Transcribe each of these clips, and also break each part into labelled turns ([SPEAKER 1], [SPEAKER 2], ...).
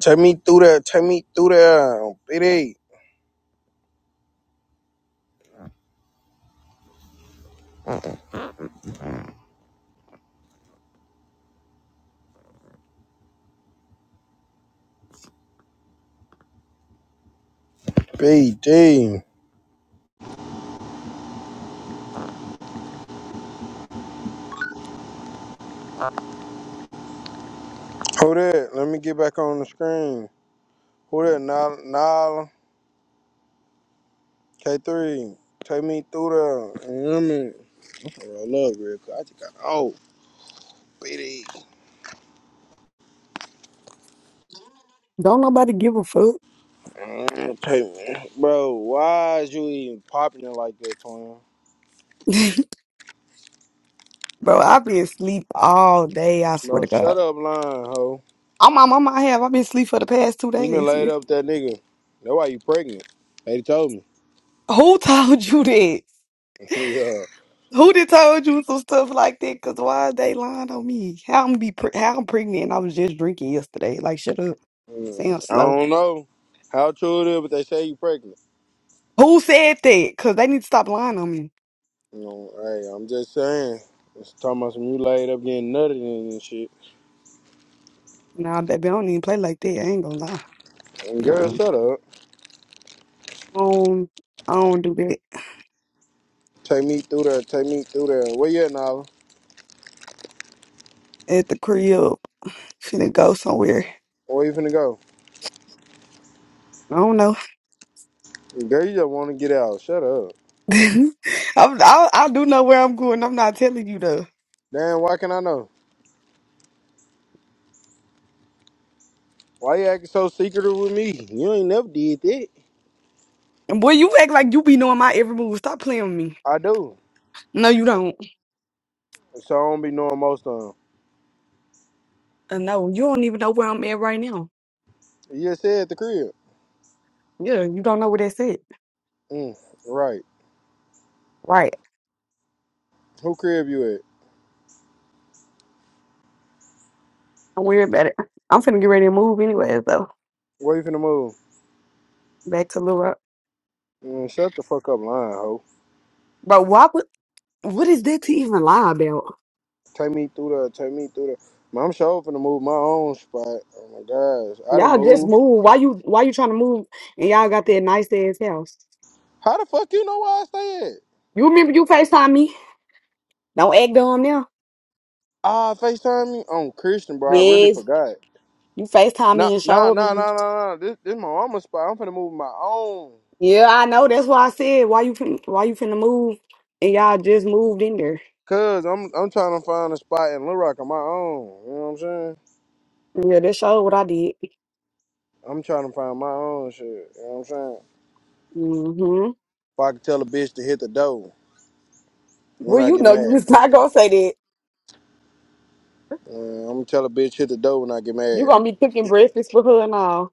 [SPEAKER 1] Take me through there. Take me through there. BD. BD. Hold it. Let me get back on the screen. Hold it. Nile. Nile. K3. Take me through there. You know what I mean? Roll up real quick. I just got. Oh, BD.
[SPEAKER 2] Don't nobody give a fuck.
[SPEAKER 1] Mm, Take me. Bro, why is you even popping it like that, twin?
[SPEAKER 2] Bro, I've been asleep all day, I swear
[SPEAKER 1] Bro,
[SPEAKER 2] to God.
[SPEAKER 1] shut up, lying, ho.
[SPEAKER 2] I'm my mama I have. I've been asleep for the past two
[SPEAKER 1] You been
[SPEAKER 2] days.
[SPEAKER 1] laid up with that nigga. That's why you pregnant. They told me.
[SPEAKER 2] Who told you that?
[SPEAKER 1] yeah.
[SPEAKER 2] Who did told you some stuff like that? Cause why is they lying on me? How I'm be pre- how I'm pregnant? I was just drinking yesterday. Like shut up,
[SPEAKER 1] Mm,
[SPEAKER 2] Sam
[SPEAKER 1] I
[SPEAKER 2] slow.
[SPEAKER 1] don't know how true it is, but they say you pregnant.
[SPEAKER 2] Who said that? Cause they need to stop lying on me.
[SPEAKER 1] No, hey, I'm just saying. It's talking about some you laid up getting nutted and shit.
[SPEAKER 2] Nah, baby, I don't even play like that. I ain't gonna lie.
[SPEAKER 1] And girl,
[SPEAKER 2] Nah,
[SPEAKER 1] shut up.
[SPEAKER 2] I don't, I don't do that
[SPEAKER 1] Take me through there. Take me through there. Where you at, Nala?
[SPEAKER 2] at the crib. Finna go somewhere.
[SPEAKER 1] Where you finna go?
[SPEAKER 2] I don't know.
[SPEAKER 1] Girl, you just want to get out. Shut up.
[SPEAKER 2] I'm, I I do know where I'm going. I'm not telling you though.
[SPEAKER 1] Damn, why can I know? Why you acting so secretive with me? You ain't never did that.
[SPEAKER 2] And boy, you act like you be knowing my every move. Stop playing with me.
[SPEAKER 1] I do.
[SPEAKER 2] No, you don't.
[SPEAKER 1] So I don't be knowing most of them.
[SPEAKER 2] Uh, no, you don't even know where I'm at right now.
[SPEAKER 1] You just said the crib.
[SPEAKER 2] Yeah, you don't know where that's at.
[SPEAKER 1] Mm, right.
[SPEAKER 2] Right.
[SPEAKER 1] Who crib you at?
[SPEAKER 2] I'm worried about it. I'm finna get ready to move anyway, though.
[SPEAKER 1] Where you finna move?
[SPEAKER 2] Back to Little Rock.
[SPEAKER 1] Mm, shut the fuck up, lying hoe.
[SPEAKER 2] Bro, why would, what is that to even lie about?
[SPEAKER 1] Take me through the, take me through the. Man, I'm sure finna move my own spot. Oh my gosh, I done
[SPEAKER 2] Y'all just
[SPEAKER 1] moved.
[SPEAKER 2] move. Why you why you trying to move and y'all got that nice ass house?
[SPEAKER 1] How the fuck you know where I stay at?
[SPEAKER 2] You remember you FaceTime me? Don't act dumb now.
[SPEAKER 1] Ah, Facetime me. I'm Christian, bro. I really
[SPEAKER 2] Yes.
[SPEAKER 1] forgot.
[SPEAKER 2] You FaceTime
[SPEAKER 1] Nah,
[SPEAKER 2] me and
[SPEAKER 1] nah,
[SPEAKER 2] showed
[SPEAKER 1] nah,
[SPEAKER 2] me.
[SPEAKER 1] nah, nah, nah. This, this my mama's spot. I'm finna move my own.
[SPEAKER 2] Yeah, I know. That's why I said why you fin- why you finna move and y'all just moved in there.
[SPEAKER 1] Cause I'm, I'm trying to find a spot in Little Rock on my own. You know what I'm saying?
[SPEAKER 2] Yeah, that showed what I did.
[SPEAKER 1] I'm trying to find my own shit. You know what I'm saying?
[SPEAKER 2] hmm
[SPEAKER 1] If I can tell a bitch to hit the door when
[SPEAKER 2] Well,
[SPEAKER 1] I
[SPEAKER 2] you
[SPEAKER 1] get
[SPEAKER 2] know you
[SPEAKER 1] mad,
[SPEAKER 2] was not gonna say that.
[SPEAKER 1] uh, I'm gonna tell a bitch hit the door when I get
[SPEAKER 2] You
[SPEAKER 1] mad.
[SPEAKER 2] gonna be cooking breakfast for her and all.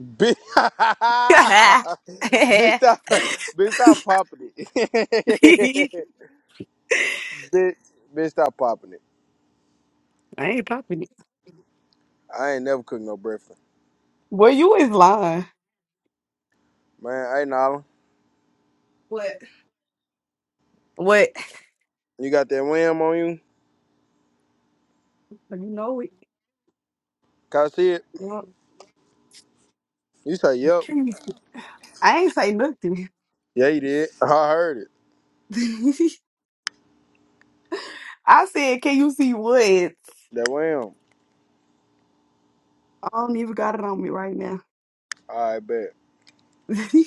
[SPEAKER 1] Bitch, bitch,
[SPEAKER 2] I
[SPEAKER 1] stop, bitch, stop popping it. bitch, bitch, stop popping it.
[SPEAKER 2] ain't popping it.
[SPEAKER 1] I ain't never cooked no breakfast,
[SPEAKER 2] Well, you is lying.
[SPEAKER 1] man. Hey, Nala,
[SPEAKER 2] What? What?
[SPEAKER 1] you got that wham on you?
[SPEAKER 2] You know it.
[SPEAKER 1] Can I see it?
[SPEAKER 2] Yeah.
[SPEAKER 1] You say, "Yep,
[SPEAKER 2] I ain't say nothing.
[SPEAKER 1] yeah, you did." I heard it.
[SPEAKER 2] I said, can you see what? I
[SPEAKER 1] That wham.
[SPEAKER 2] don't even got it on me right now.
[SPEAKER 1] I bet.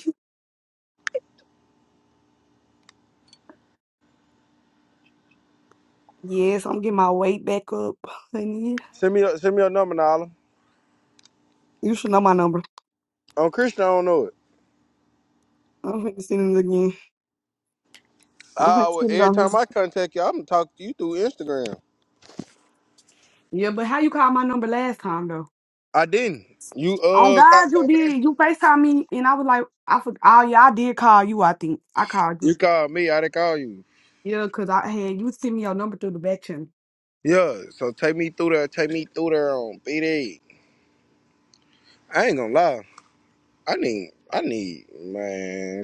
[SPEAKER 2] Yes, I'm getting my weight back up. honey.
[SPEAKER 1] Send me, your, send me your number, Nala.
[SPEAKER 2] You should know my number.
[SPEAKER 1] On Christian, I don't know it.
[SPEAKER 2] I'm going to send it again. I'm going
[SPEAKER 1] Ah,
[SPEAKER 2] to
[SPEAKER 1] would-
[SPEAKER 2] send it
[SPEAKER 1] every
[SPEAKER 2] on
[SPEAKER 1] time
[SPEAKER 2] his.
[SPEAKER 1] I contact you, I'm gonna talk to you through Instagram.
[SPEAKER 2] Yeah, but how you called my number last time, though?
[SPEAKER 1] I didn't. You
[SPEAKER 2] On
[SPEAKER 1] uh, called
[SPEAKER 2] God,
[SPEAKER 1] me
[SPEAKER 2] you
[SPEAKER 1] off Instagram.
[SPEAKER 2] did. You FaceTime me, and I was like, I for, oh, yeah, I did call you, I think. I called
[SPEAKER 1] You
[SPEAKER 2] you.
[SPEAKER 1] called me. I didn't call you.
[SPEAKER 2] Yeah, because I had you send me your number through the back channel.
[SPEAKER 1] Yeah, so take me through there. Take me through there on BD. I ain't gonna lie. I need, I need, man,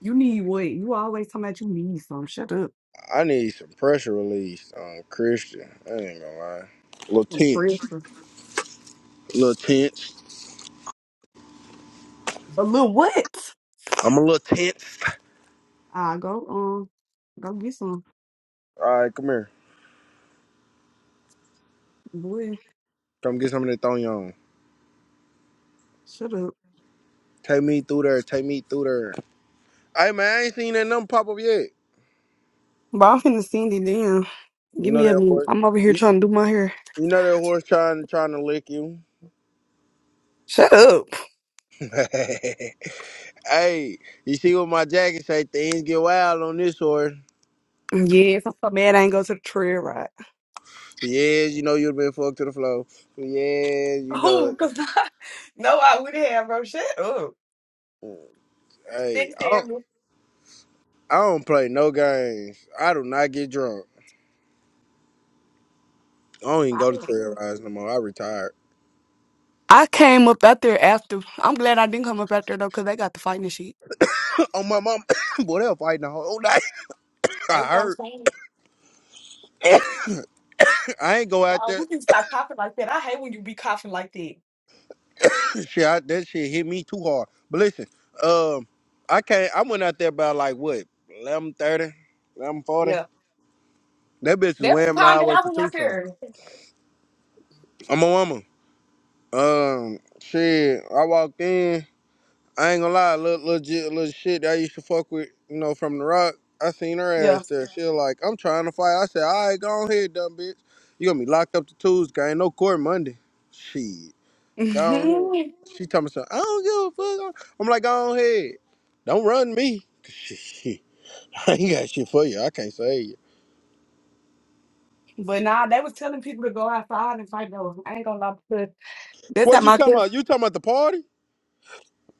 [SPEAKER 2] You need what? You always talking about you need some. Shut up.
[SPEAKER 1] I need some pressure release on Christian. I ain't gonna lie. little
[SPEAKER 2] Some
[SPEAKER 1] tense.
[SPEAKER 2] pressure.
[SPEAKER 1] little tense.
[SPEAKER 2] A little what?
[SPEAKER 1] I'm a little tense.
[SPEAKER 2] I go, um, go get some.
[SPEAKER 1] All right, come here.
[SPEAKER 2] Boy,
[SPEAKER 1] Come get some of that thong on.
[SPEAKER 2] shut up.
[SPEAKER 1] Take me through there. Take me through there. Hey, man, I ain't seen that number pop up yet.
[SPEAKER 2] But I'm finna send it then.
[SPEAKER 1] You
[SPEAKER 2] Give
[SPEAKER 1] know
[SPEAKER 2] me a
[SPEAKER 1] that
[SPEAKER 2] minute.
[SPEAKER 1] horse?
[SPEAKER 2] I'm over here
[SPEAKER 1] You,
[SPEAKER 2] trying to do my hair.
[SPEAKER 1] you know that horse trying, trying to lick you?
[SPEAKER 2] Shut up.
[SPEAKER 1] hey, you see what my jacket say? Things get wild on this horse.
[SPEAKER 2] Yes, I'm so mad I ain't go to the trail ride.
[SPEAKER 1] Yes, you know you have been fucked to the floor. Yes, you
[SPEAKER 2] Oh,
[SPEAKER 1] know.
[SPEAKER 2] cause I no, I would have, bro. Shut up.
[SPEAKER 1] Hey,
[SPEAKER 2] Stick
[SPEAKER 1] I don't,
[SPEAKER 2] sandals.
[SPEAKER 1] I don't play no games. I do not get drunk. I don't even go to terrorize no more. I retired.
[SPEAKER 2] I came up out there after. I'm glad I didn't come up out there though, cause they got the fighting and shit.
[SPEAKER 1] oh my mom, boy, they were fighting the whole night. I
[SPEAKER 2] That's what I'm
[SPEAKER 1] hurt.
[SPEAKER 2] saying.
[SPEAKER 1] I ain't go out
[SPEAKER 2] Oh,
[SPEAKER 1] there.
[SPEAKER 2] you can stop coughing like that. I hate when you be coughing like that.
[SPEAKER 1] shit, I, that shit hit me too hard. But listen, um, I can't. I went out there about like what eleven thirty, eleven forty.
[SPEAKER 2] Yeah,
[SPEAKER 1] That bitch was
[SPEAKER 2] that's the
[SPEAKER 1] whamming
[SPEAKER 2] time
[SPEAKER 1] all
[SPEAKER 2] that
[SPEAKER 1] the way
[SPEAKER 2] I
[SPEAKER 1] to
[SPEAKER 2] was out
[SPEAKER 1] Tucson.
[SPEAKER 2] there.
[SPEAKER 1] I'm a woman. Um, shit. I walked in. I ain't gonna lie, little little, ji- little shit that I used to fuck with, you know, from the rock. I seen her
[SPEAKER 2] Yeah.
[SPEAKER 1] ass there. She was like, I'm trying to fight. I said, all right, go on ahead, dumb bitch. You gonna be locked up to Tuesday. Ain't no court Monday. Shit, go on ahead.
[SPEAKER 2] hmm
[SPEAKER 1] She told me something. I don't give a fuck. I'm like, go on ahead. Don't run me. Shit, I ain't got shit for you. I can't save you.
[SPEAKER 2] But nah, they was telling people to go outside and fight though. I ain't gonna lie, because that's
[SPEAKER 1] What
[SPEAKER 2] how
[SPEAKER 1] you
[SPEAKER 2] my
[SPEAKER 1] talking
[SPEAKER 2] cousin
[SPEAKER 1] about? You talking about the party?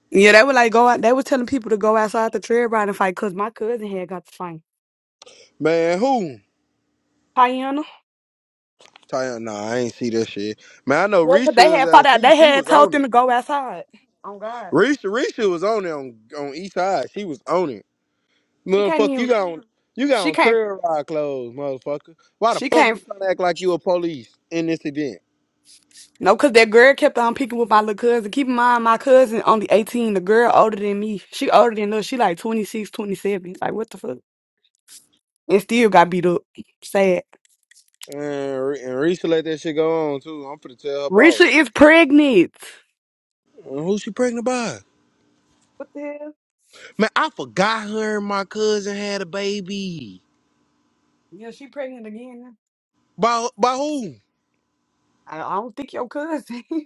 [SPEAKER 2] Yeah, they were like go out. They were telling people to go outside the trail ride and fight because my cousin had got the fight.
[SPEAKER 1] Man, who?
[SPEAKER 2] Tiana,
[SPEAKER 1] Tell Nah, I ain't see that shit. Man, I know
[SPEAKER 2] well, 'cause they
[SPEAKER 1] Risha's
[SPEAKER 2] had fought
[SPEAKER 1] ass.
[SPEAKER 2] out.
[SPEAKER 1] She
[SPEAKER 2] They
[SPEAKER 1] she
[SPEAKER 2] had
[SPEAKER 1] was
[SPEAKER 2] told
[SPEAKER 1] on it.
[SPEAKER 2] them to go outside. Oh God,
[SPEAKER 1] Risha, Risha was on there on, on each side. She was on it.
[SPEAKER 2] she can't
[SPEAKER 1] Motherfucker, you
[SPEAKER 2] even.
[SPEAKER 1] got on you got
[SPEAKER 2] She
[SPEAKER 1] on
[SPEAKER 2] can't.
[SPEAKER 1] trail ride clothes, motherfucker. Why the
[SPEAKER 2] She
[SPEAKER 1] fuck you
[SPEAKER 2] can't.
[SPEAKER 1] trying to act like you a police in this event?
[SPEAKER 2] No, because that girl kept on picking with my little cousin. Keep in mind, my cousin only 18. The girl older than me. She older than us. She like 26, 27. Like, what the fuck? And still got beat up. Sad.
[SPEAKER 1] And, Re- and Risha let that shit go on too. I'm finna tell her
[SPEAKER 2] Risha
[SPEAKER 1] boss.
[SPEAKER 2] is pregnant.
[SPEAKER 1] And who she pregnant by?
[SPEAKER 2] What the hell?
[SPEAKER 1] Man, I forgot her and my cousin had a baby.
[SPEAKER 2] Yeah, she pregnant again.
[SPEAKER 1] By by who?
[SPEAKER 2] I I don't think your cousin.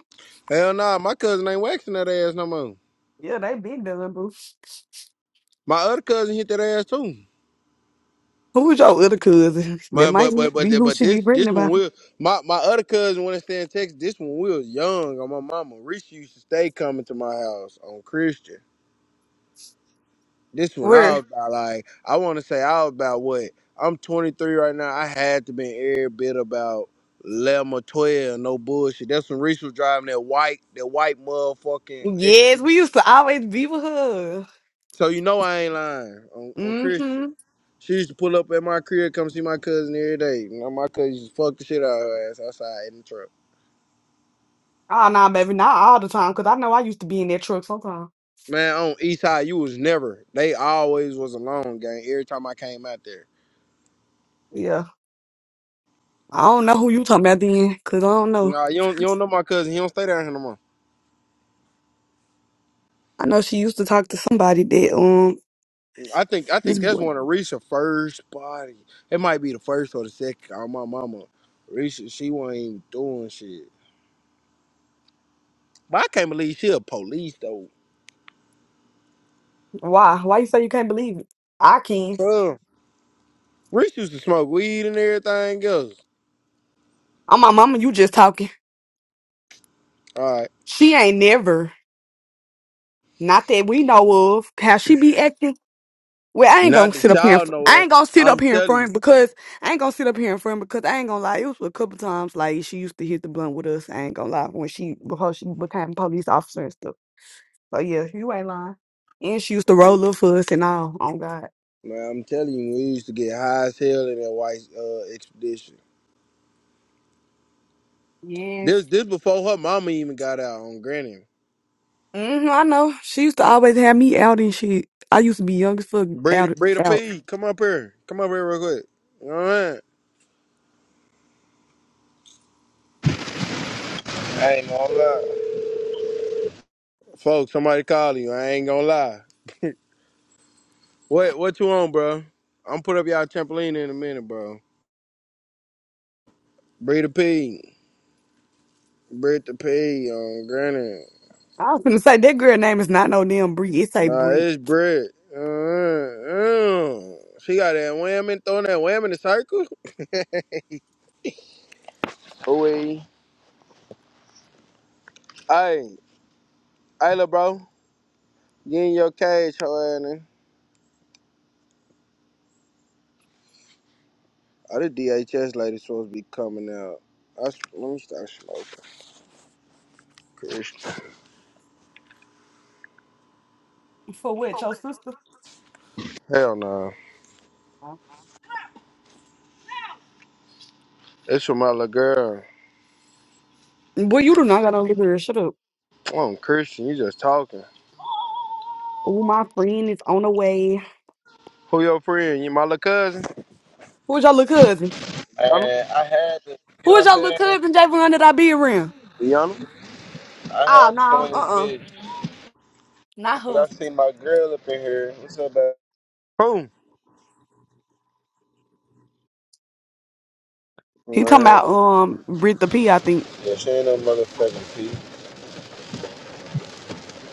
[SPEAKER 1] Hell nah, my cousin ain't waxing that ass no more.
[SPEAKER 2] yeah, they been done, boo.
[SPEAKER 1] My other cousin hit that ass too.
[SPEAKER 2] Who's your other cousin? That
[SPEAKER 1] Man,
[SPEAKER 2] might
[SPEAKER 1] but but but
[SPEAKER 2] be who
[SPEAKER 1] but
[SPEAKER 2] she
[SPEAKER 1] this
[SPEAKER 2] be
[SPEAKER 1] this
[SPEAKER 2] pregnant
[SPEAKER 1] one
[SPEAKER 2] about.
[SPEAKER 1] will my my other cousin when I stay in Texas. This one we was young on my mama. Reese, used to stay coming to my house on Christian. This one I
[SPEAKER 2] Where?
[SPEAKER 1] was about like I want to say I was about what I'm 23 right now. I had to be every bit about 11 or 12. No bullshit. That's when Reese was driving that white that white motherfucking
[SPEAKER 2] Yes, we
[SPEAKER 1] expedition.
[SPEAKER 2] used to always be with her.
[SPEAKER 1] So you know I ain't lying on, on
[SPEAKER 2] Mm-hmm.
[SPEAKER 1] Christian. She used to pull up at my crib, come see my cousin every day. You know, my cousin used to fuck the shit out of her ass outside in the truck.
[SPEAKER 2] Oh, nah, baby, not all the time, because I know I used to be in that truck sometimes.
[SPEAKER 1] Man, on East High, you was never. They always was a long game. Every time I came out there.
[SPEAKER 2] Yeah. I don't know who you talking about then, because I don't know.
[SPEAKER 1] Nah, you don't you don't know my cousin. He don't stay down here no more.
[SPEAKER 2] I know she used to talk to somebody that, um,
[SPEAKER 1] I think I
[SPEAKER 2] this
[SPEAKER 1] think that's
[SPEAKER 2] boy.
[SPEAKER 1] one of Risha's first body. It might be the first or the second. Oh, my mama, Risha, she wasn't even doing shit. But I can't believe she a police though.
[SPEAKER 2] Why? Why you say you can't believe it? I can.
[SPEAKER 1] Huh. Risha used to smoke weed and everything else.
[SPEAKER 2] I'm my mama, you just talking.
[SPEAKER 1] All right,
[SPEAKER 2] She ain't never, not that we know of, how she be acting. Well, I ain't gonna
[SPEAKER 1] not
[SPEAKER 2] sit
[SPEAKER 1] that
[SPEAKER 2] up here. In
[SPEAKER 1] y'all
[SPEAKER 2] fr-
[SPEAKER 1] know.
[SPEAKER 2] I
[SPEAKER 1] of.
[SPEAKER 2] ain't gonna sit up
[SPEAKER 1] I'm
[SPEAKER 2] here in
[SPEAKER 1] telling
[SPEAKER 2] front because I ain't gonna sit up here in front because I ain't gonna lie. It was a couple times like she used to hit the blunt with us. I ain't gonna lie when she before she became police officer and stuff. So yeah, you ain't lying. And she used to
[SPEAKER 1] you,
[SPEAKER 2] roll up for us and all. Oh God.
[SPEAKER 1] man. I'm telling you, we used to get high as hell in that white uh, expedition.
[SPEAKER 2] Yes.
[SPEAKER 1] This this before her mama even got out on Granny.
[SPEAKER 2] hmm I know. She used to always have me out and shit. I used to be young as fuck
[SPEAKER 1] Breda
[SPEAKER 2] out
[SPEAKER 1] Breda
[SPEAKER 2] out.
[SPEAKER 1] P, come up here. Come up here real quick. All right.
[SPEAKER 3] I ain't gonna lie.
[SPEAKER 1] Folks, somebody call you. I ain't gonna lie. What what you on, bro? I'm put up y'all trampoline in a minute, bro. Breda P. Breda P on Granny.
[SPEAKER 2] I was gonna say that girl name is not no damn Bree. It's a
[SPEAKER 1] Nah,
[SPEAKER 2] Bree.
[SPEAKER 1] it's Brit. Uh, uh. She got that wham and throwing that wham in the circle. Ooh. Hey, hey, little bro. Get in your cage, hoe ass Other DHS lady supposed to be coming out. I, s- let me start smoking. Christian.
[SPEAKER 2] For what? Your sister?
[SPEAKER 1] Hell no. It's for my little girl.
[SPEAKER 2] Boy, you do not got no little girl. Shut up.
[SPEAKER 1] Oh, Christian, you just talking.
[SPEAKER 2] Oh, my friend is on the way.
[SPEAKER 1] Who your friend? You my little cousin?
[SPEAKER 2] Who is your little cousin?
[SPEAKER 1] Yana?
[SPEAKER 3] And I had to, you know
[SPEAKER 2] Who is
[SPEAKER 3] what I'm
[SPEAKER 2] your little
[SPEAKER 3] saying?
[SPEAKER 2] cousin, Javon, that I be around?
[SPEAKER 1] Yana?
[SPEAKER 3] I
[SPEAKER 2] Oh,
[SPEAKER 3] had to come
[SPEAKER 2] no.
[SPEAKER 3] in this
[SPEAKER 2] Uh-uh.
[SPEAKER 3] bitch. But
[SPEAKER 2] Not
[SPEAKER 3] I
[SPEAKER 2] her.
[SPEAKER 3] forgot to see my girl up in here. What's up, baby?
[SPEAKER 1] Who? Man.
[SPEAKER 2] He talking about um Britta P. I think.
[SPEAKER 3] Yeah, she ain't no motherfucking P.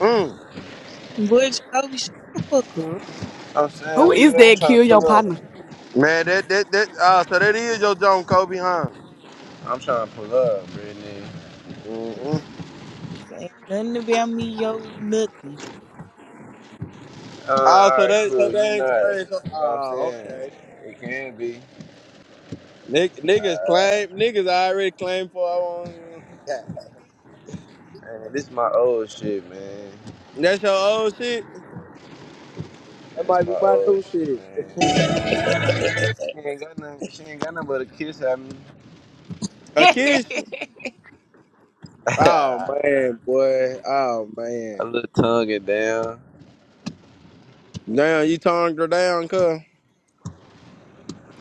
[SPEAKER 1] Mm.
[SPEAKER 4] Boy, Jacoby, shut the fuck up.
[SPEAKER 3] I'm saying,
[SPEAKER 2] Who
[SPEAKER 3] where you
[SPEAKER 2] is
[SPEAKER 3] at? I'm
[SPEAKER 2] that?
[SPEAKER 3] trying
[SPEAKER 2] Kill
[SPEAKER 3] to
[SPEAKER 2] your
[SPEAKER 3] pull up.
[SPEAKER 2] partner.
[SPEAKER 1] Man, that, that, that, Ah, so that is your John Kobe, huh?
[SPEAKER 3] I'm trying to pull up, Brittany.
[SPEAKER 1] Mm-hmm.
[SPEAKER 4] Ain't nothing about me, yo, nothing.
[SPEAKER 3] Uh,
[SPEAKER 1] Oh, so
[SPEAKER 3] alright,
[SPEAKER 1] they, so
[SPEAKER 3] cool. You
[SPEAKER 1] they, so
[SPEAKER 3] not.
[SPEAKER 1] they, so,
[SPEAKER 3] But I'm
[SPEAKER 1] oh,
[SPEAKER 3] saying,
[SPEAKER 1] okay.
[SPEAKER 3] it can be.
[SPEAKER 1] Nick, niggas
[SPEAKER 3] Uh,
[SPEAKER 1] claim, niggas already claim for, um,
[SPEAKER 3] man, this is my old shit, man.
[SPEAKER 1] that's your old shit? That
[SPEAKER 3] This
[SPEAKER 1] might
[SPEAKER 3] is
[SPEAKER 1] be
[SPEAKER 3] my
[SPEAKER 1] my
[SPEAKER 3] old
[SPEAKER 1] new
[SPEAKER 3] shit,
[SPEAKER 1] shit.
[SPEAKER 3] man. She ain't got nothing, she ain't got nothing but a kiss at me.
[SPEAKER 1] A
[SPEAKER 4] this
[SPEAKER 1] kiss? Oh
[SPEAKER 3] a
[SPEAKER 1] man, boy. Oh man.
[SPEAKER 3] little tongue it down.
[SPEAKER 1] Now you tongued her down, cuz.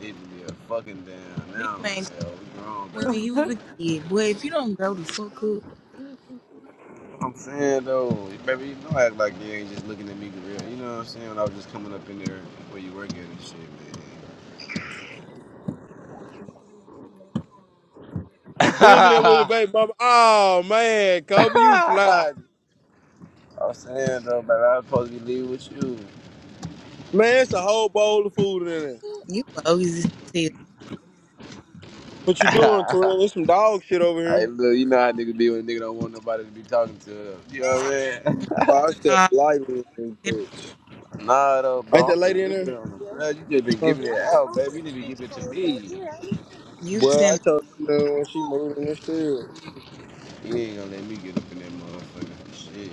[SPEAKER 3] Need to be a fucking damn now.
[SPEAKER 4] man, told me
[SPEAKER 3] Hell, we grown,
[SPEAKER 4] when
[SPEAKER 3] baby.
[SPEAKER 4] he was a kid, boy, if you don't grow the fuck up,
[SPEAKER 3] I'm saying though, baby, you not act like you ain't just looking at me, real. You know what I'm saying? When I was just coming up in there where you work at and shit, man.
[SPEAKER 1] He was in there with the
[SPEAKER 3] I
[SPEAKER 1] baby mama. Oh man, Kobe, you fly.
[SPEAKER 3] was saying though, baby, I was supposed to be leaving with you.
[SPEAKER 1] Man, it's a whole bowl of food in there.
[SPEAKER 4] you always just say,
[SPEAKER 1] What you doing, Twin? There's some dog shit over
[SPEAKER 3] Hey,
[SPEAKER 1] here.
[SPEAKER 3] look, you know how niggas be when a nigga don't want nobody to be talking to them. You know what I'm saying?
[SPEAKER 1] Wow, I step
[SPEAKER 4] nah,
[SPEAKER 1] lightly in this
[SPEAKER 4] tender-
[SPEAKER 1] bitch.
[SPEAKER 3] Nah, though,
[SPEAKER 1] Ain't
[SPEAKER 3] bro, I'm
[SPEAKER 1] that lady
[SPEAKER 3] for
[SPEAKER 1] in there?
[SPEAKER 3] real. on You just been
[SPEAKER 1] Huh?
[SPEAKER 3] giving it out, baby. You need to give it to me.
[SPEAKER 4] you
[SPEAKER 1] Boy, I
[SPEAKER 4] tend.
[SPEAKER 1] told her no when she moved in this crib.
[SPEAKER 3] You ain't gonna let me get up in that motherfucker. Shit,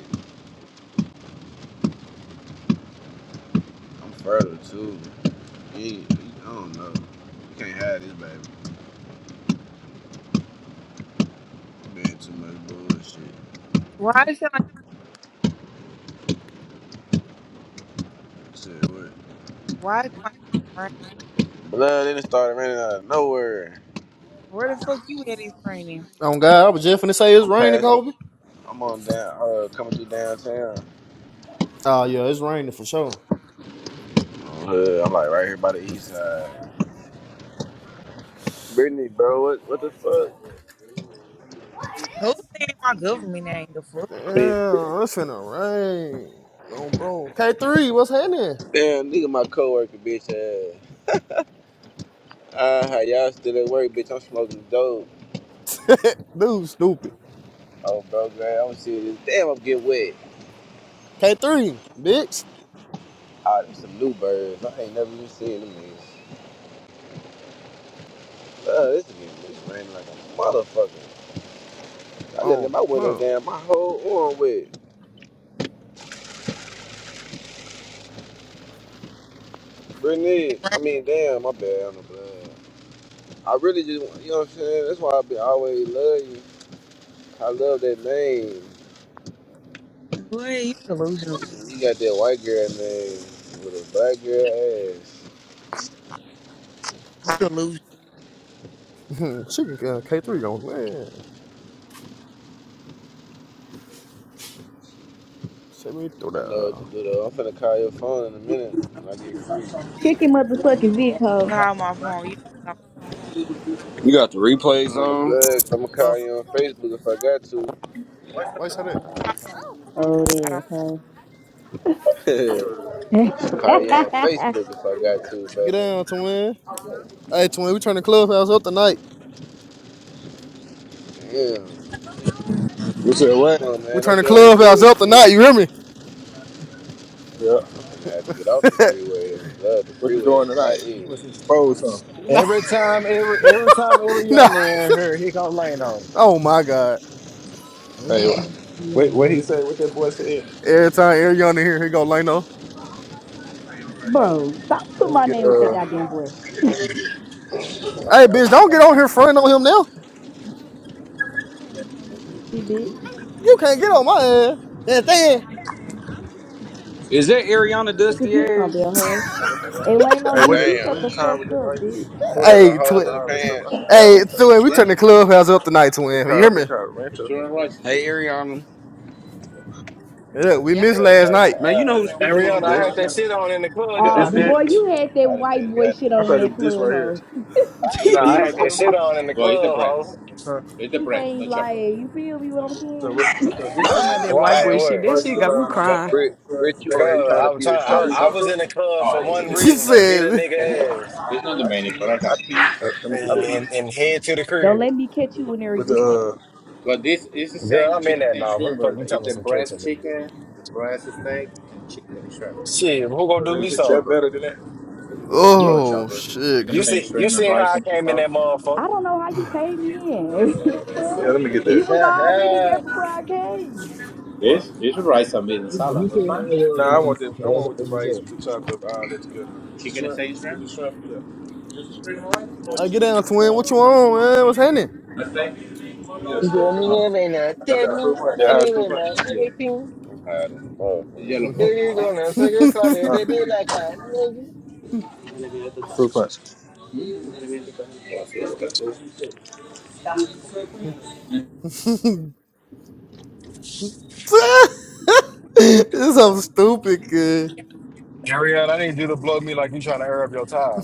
[SPEAKER 3] I'm fertile too. Yeah, I don't know. You can't hide this baby. Been too much bullshit.
[SPEAKER 4] Why is it like,
[SPEAKER 3] Said what?
[SPEAKER 4] why is it like rain?
[SPEAKER 3] Nah, then it started running out of nowhere.
[SPEAKER 4] Where the fuck you at is raining?
[SPEAKER 5] Oh God, I was just finna say it's
[SPEAKER 3] I'm
[SPEAKER 5] raining,
[SPEAKER 3] passing.
[SPEAKER 5] Kobe.
[SPEAKER 3] I'm on down, uh, coming through downtown.
[SPEAKER 5] Oh yeah, it's raining for sure.
[SPEAKER 3] Uh, I'm like right here by the east side. Brittany, bro, what, what the fuck?
[SPEAKER 4] Who's saying my government ain't the fuck?
[SPEAKER 3] I mean, Brittany.
[SPEAKER 5] Damn, it's finna rain. oh bro. K three, what's happening?
[SPEAKER 3] damn, nigga, my coworker, bitch. Uh, uh, how y'all still at work, bitch? I'm smoking dope.
[SPEAKER 5] Dude, stupid.
[SPEAKER 3] Oh, bro, man, I'm seeing Damn, I'm getting wet.
[SPEAKER 5] K three, bitch.
[SPEAKER 3] Ah, there's some new birds. I ain't never even seen them niggas. Uh, this is this raining like a motherfucker. I just let
[SPEAKER 5] Oh,
[SPEAKER 3] my window
[SPEAKER 5] huh.
[SPEAKER 3] down, my whole arm wet.
[SPEAKER 4] It
[SPEAKER 3] Brittany, I mean, damn, my bad on the blood. I really just, you know what I'm saying? That's why I be always love you. I love that name.
[SPEAKER 4] rain. Boy, you delusional.
[SPEAKER 3] You got that white girl name with a black girl ass.
[SPEAKER 4] You delusional.
[SPEAKER 5] she can uh, K three on win. Send me through
[SPEAKER 3] I
[SPEAKER 5] that.
[SPEAKER 3] know what
[SPEAKER 5] uh,
[SPEAKER 3] to do though. I'm finna call your phone in a minute when I get free.
[SPEAKER 6] Chicken motherfucking Vic hoe.
[SPEAKER 4] Call my phone. You don't got
[SPEAKER 7] You got the replays
[SPEAKER 3] On the
[SPEAKER 7] on.
[SPEAKER 3] blood, i am going to
[SPEAKER 5] Huh?
[SPEAKER 3] call you on Facebook if I got to.
[SPEAKER 5] Why you say that?
[SPEAKER 4] my
[SPEAKER 6] Old
[SPEAKER 4] I
[SPEAKER 6] ass,
[SPEAKER 4] don't.
[SPEAKER 6] hoe.
[SPEAKER 3] Should call you on Facebook if I got to,
[SPEAKER 5] Get down, twin. Hey, twin, we turn the clubhouse up tonight.
[SPEAKER 3] baby. Damn.
[SPEAKER 8] You said what?
[SPEAKER 3] Come on,
[SPEAKER 5] We
[SPEAKER 3] man.
[SPEAKER 5] turn
[SPEAKER 3] Don't
[SPEAKER 5] the
[SPEAKER 3] get on here
[SPEAKER 5] clubhouse up
[SPEAKER 3] bullshit.
[SPEAKER 5] tonight. You hear me?
[SPEAKER 8] Yeah.
[SPEAKER 3] And I had to get off the freeway. Love the
[SPEAKER 8] What you
[SPEAKER 3] freeway
[SPEAKER 8] doing
[SPEAKER 3] is
[SPEAKER 8] tonight?
[SPEAKER 3] not
[SPEAKER 8] You
[SPEAKER 3] easy.
[SPEAKER 8] must expose something.
[SPEAKER 5] nah,
[SPEAKER 9] Every time, every every time
[SPEAKER 5] nah.
[SPEAKER 9] Ariana in here, he gonna lane on.
[SPEAKER 5] Oh my God.
[SPEAKER 8] Hey,
[SPEAKER 9] Every
[SPEAKER 8] wha-
[SPEAKER 9] time we
[SPEAKER 8] wait, what he
[SPEAKER 9] out
[SPEAKER 8] said? What that boy said?
[SPEAKER 5] Every time Ariana here, here go Lano.
[SPEAKER 6] Bro, stop putting
[SPEAKER 8] Let me
[SPEAKER 6] my
[SPEAKER 8] get
[SPEAKER 6] name with that
[SPEAKER 8] uh. I
[SPEAKER 6] goddamn boy.
[SPEAKER 8] forgot.
[SPEAKER 5] Hey, bitch,
[SPEAKER 8] What
[SPEAKER 5] don't
[SPEAKER 8] time.
[SPEAKER 5] get on here fronting on him now.
[SPEAKER 6] She bitch.
[SPEAKER 5] You can't get on my ass. That thing.
[SPEAKER 7] Is that Ariana
[SPEAKER 6] Fuck is
[SPEAKER 7] Dusty
[SPEAKER 6] you talking
[SPEAKER 7] ass?
[SPEAKER 6] about, hoe? Hey,
[SPEAKER 8] Hey, what
[SPEAKER 6] bitch,
[SPEAKER 8] it?
[SPEAKER 6] you shut
[SPEAKER 8] What
[SPEAKER 6] the
[SPEAKER 8] is
[SPEAKER 3] Damn.
[SPEAKER 8] time with
[SPEAKER 6] fuck
[SPEAKER 8] the
[SPEAKER 6] up,
[SPEAKER 8] rice?
[SPEAKER 6] bitch.
[SPEAKER 3] Who that
[SPEAKER 8] Uh,
[SPEAKER 3] little
[SPEAKER 5] Hey,
[SPEAKER 3] hole
[SPEAKER 8] shrimp,
[SPEAKER 5] twin.
[SPEAKER 3] in the
[SPEAKER 8] all this stuff. I
[SPEAKER 3] pants?
[SPEAKER 8] forgot what
[SPEAKER 5] Hey, twin.
[SPEAKER 8] it's
[SPEAKER 5] We
[SPEAKER 8] called.
[SPEAKER 5] turned the
[SPEAKER 8] Shrimp?
[SPEAKER 5] clubhouse up tonight,
[SPEAKER 8] It's
[SPEAKER 5] twin. You
[SPEAKER 8] called.
[SPEAKER 5] hear
[SPEAKER 8] I think
[SPEAKER 5] me?
[SPEAKER 8] it's called rancho. What shrimp rice
[SPEAKER 7] Hey
[SPEAKER 8] is
[SPEAKER 7] Ariana.
[SPEAKER 5] Yeah, we
[SPEAKER 4] Yeah.
[SPEAKER 5] missed
[SPEAKER 3] Yeah,
[SPEAKER 5] last
[SPEAKER 3] about
[SPEAKER 5] night.
[SPEAKER 7] Man, you
[SPEAKER 3] time.
[SPEAKER 7] know who's speaking to
[SPEAKER 9] here.
[SPEAKER 7] you,
[SPEAKER 9] Ariana, I had
[SPEAKER 7] Dusty.
[SPEAKER 9] that shit on in the club,
[SPEAKER 8] this?
[SPEAKER 9] then
[SPEAKER 6] Uh,
[SPEAKER 9] I
[SPEAKER 8] Is this
[SPEAKER 6] boy,
[SPEAKER 8] it?
[SPEAKER 9] beach.
[SPEAKER 6] you had that
[SPEAKER 3] I done made
[SPEAKER 6] white
[SPEAKER 3] it
[SPEAKER 6] boy
[SPEAKER 3] out
[SPEAKER 6] shit
[SPEAKER 3] of
[SPEAKER 8] I
[SPEAKER 6] on
[SPEAKER 3] this
[SPEAKER 6] in
[SPEAKER 8] thought
[SPEAKER 3] shit.
[SPEAKER 8] it
[SPEAKER 6] that
[SPEAKER 8] was this
[SPEAKER 6] club,
[SPEAKER 8] right here.
[SPEAKER 6] hoe.
[SPEAKER 8] The
[SPEAKER 9] No, I
[SPEAKER 8] special
[SPEAKER 5] We.
[SPEAKER 2] he
[SPEAKER 9] had that
[SPEAKER 8] ranchero?
[SPEAKER 9] shit on in the
[SPEAKER 8] Well, it's the
[SPEAKER 9] club,
[SPEAKER 8] bread.
[SPEAKER 9] ho.
[SPEAKER 8] Huh? It's the
[SPEAKER 6] You
[SPEAKER 8] bread, no
[SPEAKER 6] ain't
[SPEAKER 8] chopper.
[SPEAKER 6] lying. You feel me? What I'm
[SPEAKER 8] So,
[SPEAKER 6] saying?
[SPEAKER 8] what, so this
[SPEAKER 2] talking
[SPEAKER 8] is the one
[SPEAKER 2] about
[SPEAKER 8] which
[SPEAKER 2] that
[SPEAKER 8] is
[SPEAKER 2] white
[SPEAKER 9] Why
[SPEAKER 2] boy
[SPEAKER 9] and
[SPEAKER 2] shit.
[SPEAKER 9] where?
[SPEAKER 2] That
[SPEAKER 8] largely
[SPEAKER 2] shit got me
[SPEAKER 9] Cause,
[SPEAKER 2] crying.
[SPEAKER 8] about
[SPEAKER 3] Britt,
[SPEAKER 8] insurance
[SPEAKER 3] Britt, you on here
[SPEAKER 8] safety.
[SPEAKER 9] 'cause
[SPEAKER 3] trying
[SPEAKER 9] I
[SPEAKER 3] to
[SPEAKER 9] was
[SPEAKER 3] be a
[SPEAKER 9] trying.
[SPEAKER 8] Oh,
[SPEAKER 9] I,
[SPEAKER 8] the
[SPEAKER 3] shark.
[SPEAKER 9] I was
[SPEAKER 8] chopper?
[SPEAKER 9] in the club for
[SPEAKER 8] Oh, it's
[SPEAKER 9] one
[SPEAKER 8] chicken
[SPEAKER 5] She
[SPEAKER 8] feet.
[SPEAKER 9] reason: to beat a
[SPEAKER 5] said,
[SPEAKER 8] Yes, I got
[SPEAKER 9] nigga ass
[SPEAKER 8] It's not the
[SPEAKER 3] I
[SPEAKER 8] menu, but
[SPEAKER 3] see.
[SPEAKER 8] I
[SPEAKER 3] I
[SPEAKER 8] got it.
[SPEAKER 3] peep.
[SPEAKER 8] Uh, let me get
[SPEAKER 3] I
[SPEAKER 8] that.
[SPEAKER 3] peep.
[SPEAKER 9] and, and head to the
[SPEAKER 6] Don't
[SPEAKER 9] crib.
[SPEAKER 6] let me catch you in there
[SPEAKER 8] With
[SPEAKER 6] again.
[SPEAKER 8] the uh, But this is the
[SPEAKER 9] Girl,
[SPEAKER 8] same
[SPEAKER 9] I'm in
[SPEAKER 8] chicken
[SPEAKER 9] that
[SPEAKER 8] and
[SPEAKER 9] now. What the
[SPEAKER 8] shrimp,
[SPEAKER 9] fuck
[SPEAKER 8] burger.
[SPEAKER 9] you
[SPEAKER 8] it's
[SPEAKER 9] talking
[SPEAKER 8] the
[SPEAKER 9] some catching
[SPEAKER 8] breast
[SPEAKER 9] nigga?
[SPEAKER 8] chicken, the breast steak, and chicken and shrimp.
[SPEAKER 9] Shit, who gonna
[SPEAKER 8] so
[SPEAKER 9] do
[SPEAKER 8] that,
[SPEAKER 9] me
[SPEAKER 8] This is that
[SPEAKER 9] some?
[SPEAKER 8] chopper. better than that.
[SPEAKER 9] You
[SPEAKER 8] Oh,
[SPEAKER 5] "Oh
[SPEAKER 8] chopper.
[SPEAKER 5] shit."
[SPEAKER 9] you
[SPEAKER 8] Chicken
[SPEAKER 5] c-
[SPEAKER 8] and
[SPEAKER 9] see you
[SPEAKER 8] shrimp and
[SPEAKER 9] seen
[SPEAKER 8] rice
[SPEAKER 9] how I
[SPEAKER 8] and cheese
[SPEAKER 9] came in
[SPEAKER 8] sauce.
[SPEAKER 9] that motherfucker?
[SPEAKER 6] I don't know how you came in. The
[SPEAKER 8] Yeah, let me
[SPEAKER 6] fuck?
[SPEAKER 8] get
[SPEAKER 6] You
[SPEAKER 8] that.
[SPEAKER 6] was already there before I came.
[SPEAKER 8] This, you should write some meat and
[SPEAKER 9] You,
[SPEAKER 8] salad.
[SPEAKER 9] you
[SPEAKER 8] That's
[SPEAKER 9] see how it
[SPEAKER 8] fine. No,
[SPEAKER 9] was in
[SPEAKER 8] Nah, I
[SPEAKER 9] that match.
[SPEAKER 8] want the
[SPEAKER 9] so
[SPEAKER 8] I
[SPEAKER 9] That's
[SPEAKER 8] want with the
[SPEAKER 9] all you
[SPEAKER 8] rice
[SPEAKER 9] said.
[SPEAKER 8] with the chopped up all that together. Chicken and shrimp, sage shrimp? the shrimp,
[SPEAKER 5] Like, get down, twin. What you on, man? What's happening?
[SPEAKER 8] yeah. Yes. I got a fruit punch. Yeah, fruit punch. Yeah.
[SPEAKER 3] I'm hiding in the
[SPEAKER 8] The
[SPEAKER 3] motherfucker.
[SPEAKER 8] yellow part. This one? Huh? Fruit punch. Yeah, so
[SPEAKER 5] this is so stupid, kid.
[SPEAKER 9] Ariel, I need you to blow me like you trying to air up your tire.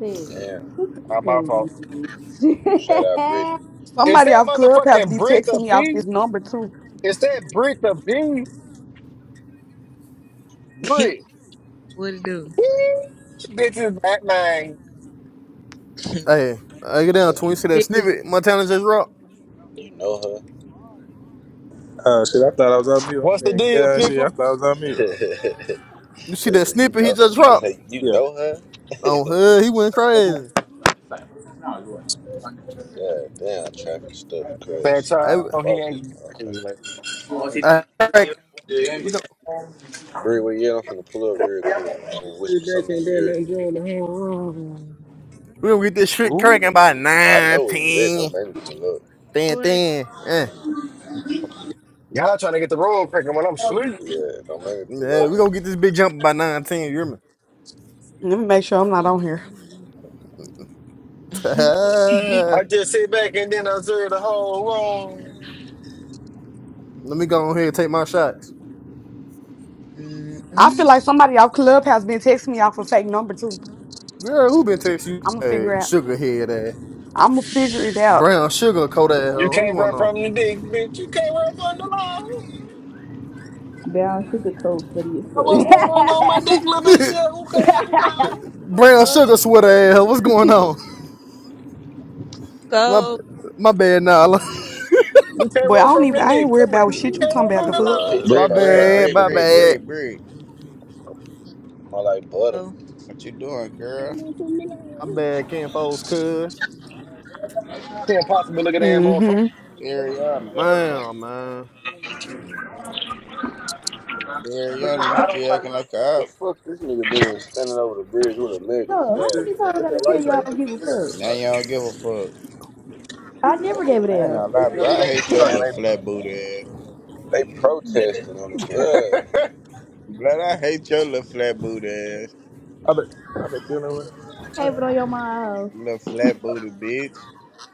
[SPEAKER 6] Sis,
[SPEAKER 3] Damn.
[SPEAKER 9] Not
[SPEAKER 6] play
[SPEAKER 9] my
[SPEAKER 6] with me,
[SPEAKER 9] fault.
[SPEAKER 3] Shout out
[SPEAKER 6] bitch.
[SPEAKER 3] Brittany.
[SPEAKER 9] Is
[SPEAKER 2] Somebody
[SPEAKER 9] that
[SPEAKER 2] off Clubhouse
[SPEAKER 9] motherfucking
[SPEAKER 2] be
[SPEAKER 9] Brit the
[SPEAKER 2] texting me off
[SPEAKER 9] P?
[SPEAKER 2] this number too.
[SPEAKER 9] Is that Brit the P? Brit.
[SPEAKER 4] what it do?
[SPEAKER 9] Bitch is
[SPEAKER 5] Hey, I get down,
[SPEAKER 3] So
[SPEAKER 5] twin. You see that
[SPEAKER 3] you
[SPEAKER 4] Says,
[SPEAKER 5] snippet? Montana just dropped.
[SPEAKER 3] you know
[SPEAKER 8] Uh, shit, I thought I was on mute. I'm
[SPEAKER 9] What's the
[SPEAKER 8] saying,
[SPEAKER 9] deal,
[SPEAKER 8] yeah, shit,
[SPEAKER 9] pickle?
[SPEAKER 8] I thought I was on
[SPEAKER 3] her?
[SPEAKER 8] mute.
[SPEAKER 5] You see that
[SPEAKER 3] Lisa, you
[SPEAKER 5] snippet he
[SPEAKER 3] know.
[SPEAKER 5] just
[SPEAKER 3] It's
[SPEAKER 5] dropped?
[SPEAKER 3] like you
[SPEAKER 8] Yeah.
[SPEAKER 3] know her?
[SPEAKER 5] On her, he went crazy.
[SPEAKER 3] God damn, traffic stuff,
[SPEAKER 9] Fat
[SPEAKER 3] cuz I'm
[SPEAKER 5] I,
[SPEAKER 3] gonna get
[SPEAKER 9] child, he
[SPEAKER 3] off this
[SPEAKER 9] ain't
[SPEAKER 3] motherfucker.
[SPEAKER 9] like,
[SPEAKER 8] What's it?
[SPEAKER 5] I,
[SPEAKER 8] Yeah,
[SPEAKER 5] we go.
[SPEAKER 3] Bree, where you at? I'm finna pull up real quick, man, and whisper something in your ear.
[SPEAKER 5] We're gonna get this shit
[SPEAKER 9] ooh.
[SPEAKER 5] cracking by
[SPEAKER 3] I know where you at.
[SPEAKER 5] 19.
[SPEAKER 3] Don't make me pull up.
[SPEAKER 5] Thin,
[SPEAKER 4] boy.
[SPEAKER 5] thin. Uh,
[SPEAKER 9] Y'all trying to get the road cracking when I'm asleep.
[SPEAKER 3] Yeah, don't make me pull up,
[SPEAKER 5] we're
[SPEAKER 3] nigga.
[SPEAKER 5] gonna get this big jump by 19. You hear me?
[SPEAKER 2] Let me make sure I'm not on here.
[SPEAKER 9] I just sit back and then observe the whole room.
[SPEAKER 5] Let me go on here and take my shots.
[SPEAKER 2] I
[SPEAKER 4] Mm-mm.
[SPEAKER 2] feel like somebody off Clubhouse been texting me off a fake number too.
[SPEAKER 5] Girl, who been texting you?
[SPEAKER 2] I'ma
[SPEAKER 5] Hey,
[SPEAKER 2] figure out.
[SPEAKER 5] sugar head ass.
[SPEAKER 2] I'ma figure it out.
[SPEAKER 5] Brown sugar coat ass.
[SPEAKER 9] You
[SPEAKER 5] What's
[SPEAKER 9] can't
[SPEAKER 5] going
[SPEAKER 9] run
[SPEAKER 5] on?
[SPEAKER 9] from the dick, bitch. You can't run from the line.
[SPEAKER 6] Brown sugar coat funny as
[SPEAKER 9] I
[SPEAKER 6] fuck.
[SPEAKER 9] was going on my dick, little bitch. Yeah, who could I call?
[SPEAKER 5] Brown
[SPEAKER 6] fuck.
[SPEAKER 5] sugar sweater ass. What's going on? My
[SPEAKER 4] Go.
[SPEAKER 5] my bad, Nala.
[SPEAKER 9] You can't
[SPEAKER 2] But I
[SPEAKER 9] run
[SPEAKER 2] don't
[SPEAKER 9] from
[SPEAKER 2] even.
[SPEAKER 9] the
[SPEAKER 2] I ain't
[SPEAKER 9] dick.
[SPEAKER 2] worried
[SPEAKER 9] Come
[SPEAKER 2] about
[SPEAKER 9] here.
[SPEAKER 2] what
[SPEAKER 9] You
[SPEAKER 2] shit you
[SPEAKER 9] can't
[SPEAKER 2] talking
[SPEAKER 9] run
[SPEAKER 2] about.
[SPEAKER 9] from
[SPEAKER 2] The
[SPEAKER 9] the
[SPEAKER 2] fuck.
[SPEAKER 9] law.
[SPEAKER 3] He talking
[SPEAKER 5] my
[SPEAKER 10] Bread,
[SPEAKER 3] about
[SPEAKER 10] bread,
[SPEAKER 3] brown
[SPEAKER 5] bad,
[SPEAKER 10] bread,
[SPEAKER 5] my
[SPEAKER 3] sugar
[SPEAKER 10] bread,
[SPEAKER 5] bad.
[SPEAKER 3] sweater.
[SPEAKER 10] bread, bread.
[SPEAKER 3] I like butter.
[SPEAKER 4] go.
[SPEAKER 10] What you doing, girl?
[SPEAKER 5] My bad, Ken Foles, cuz.
[SPEAKER 9] Can't possibly look at that motherfucker.
[SPEAKER 10] Ariana.
[SPEAKER 5] Man, oh, man.
[SPEAKER 10] Ariana, you still acting like a
[SPEAKER 3] The
[SPEAKER 10] op.
[SPEAKER 3] fuck this nigga doing standing over the bridge with an American
[SPEAKER 6] No,
[SPEAKER 8] What's
[SPEAKER 6] how
[SPEAKER 3] flag?
[SPEAKER 8] this?
[SPEAKER 6] many times I
[SPEAKER 8] This
[SPEAKER 6] gotta
[SPEAKER 8] that
[SPEAKER 6] tell
[SPEAKER 8] rice
[SPEAKER 6] you I don't
[SPEAKER 8] thing?
[SPEAKER 6] give a
[SPEAKER 10] Now
[SPEAKER 6] fuck?
[SPEAKER 10] you don't give a fuck.
[SPEAKER 6] I never
[SPEAKER 3] That ain't
[SPEAKER 6] gave a
[SPEAKER 10] I
[SPEAKER 3] even
[SPEAKER 10] ain't
[SPEAKER 3] an
[SPEAKER 6] damn.
[SPEAKER 10] gonna lie, bro.
[SPEAKER 3] American
[SPEAKER 10] I
[SPEAKER 3] flag.
[SPEAKER 10] hate your
[SPEAKER 8] Oh,
[SPEAKER 3] Man,
[SPEAKER 8] yeah.
[SPEAKER 10] little flat booty
[SPEAKER 3] they, they protesting on the
[SPEAKER 10] ass.
[SPEAKER 3] blood.
[SPEAKER 10] Blood, I hate your little flat booty ass.
[SPEAKER 8] I've been, I've been dealing with
[SPEAKER 6] Have it
[SPEAKER 8] him.
[SPEAKER 6] on your mind, hoe.
[SPEAKER 10] Little flat booty bitch.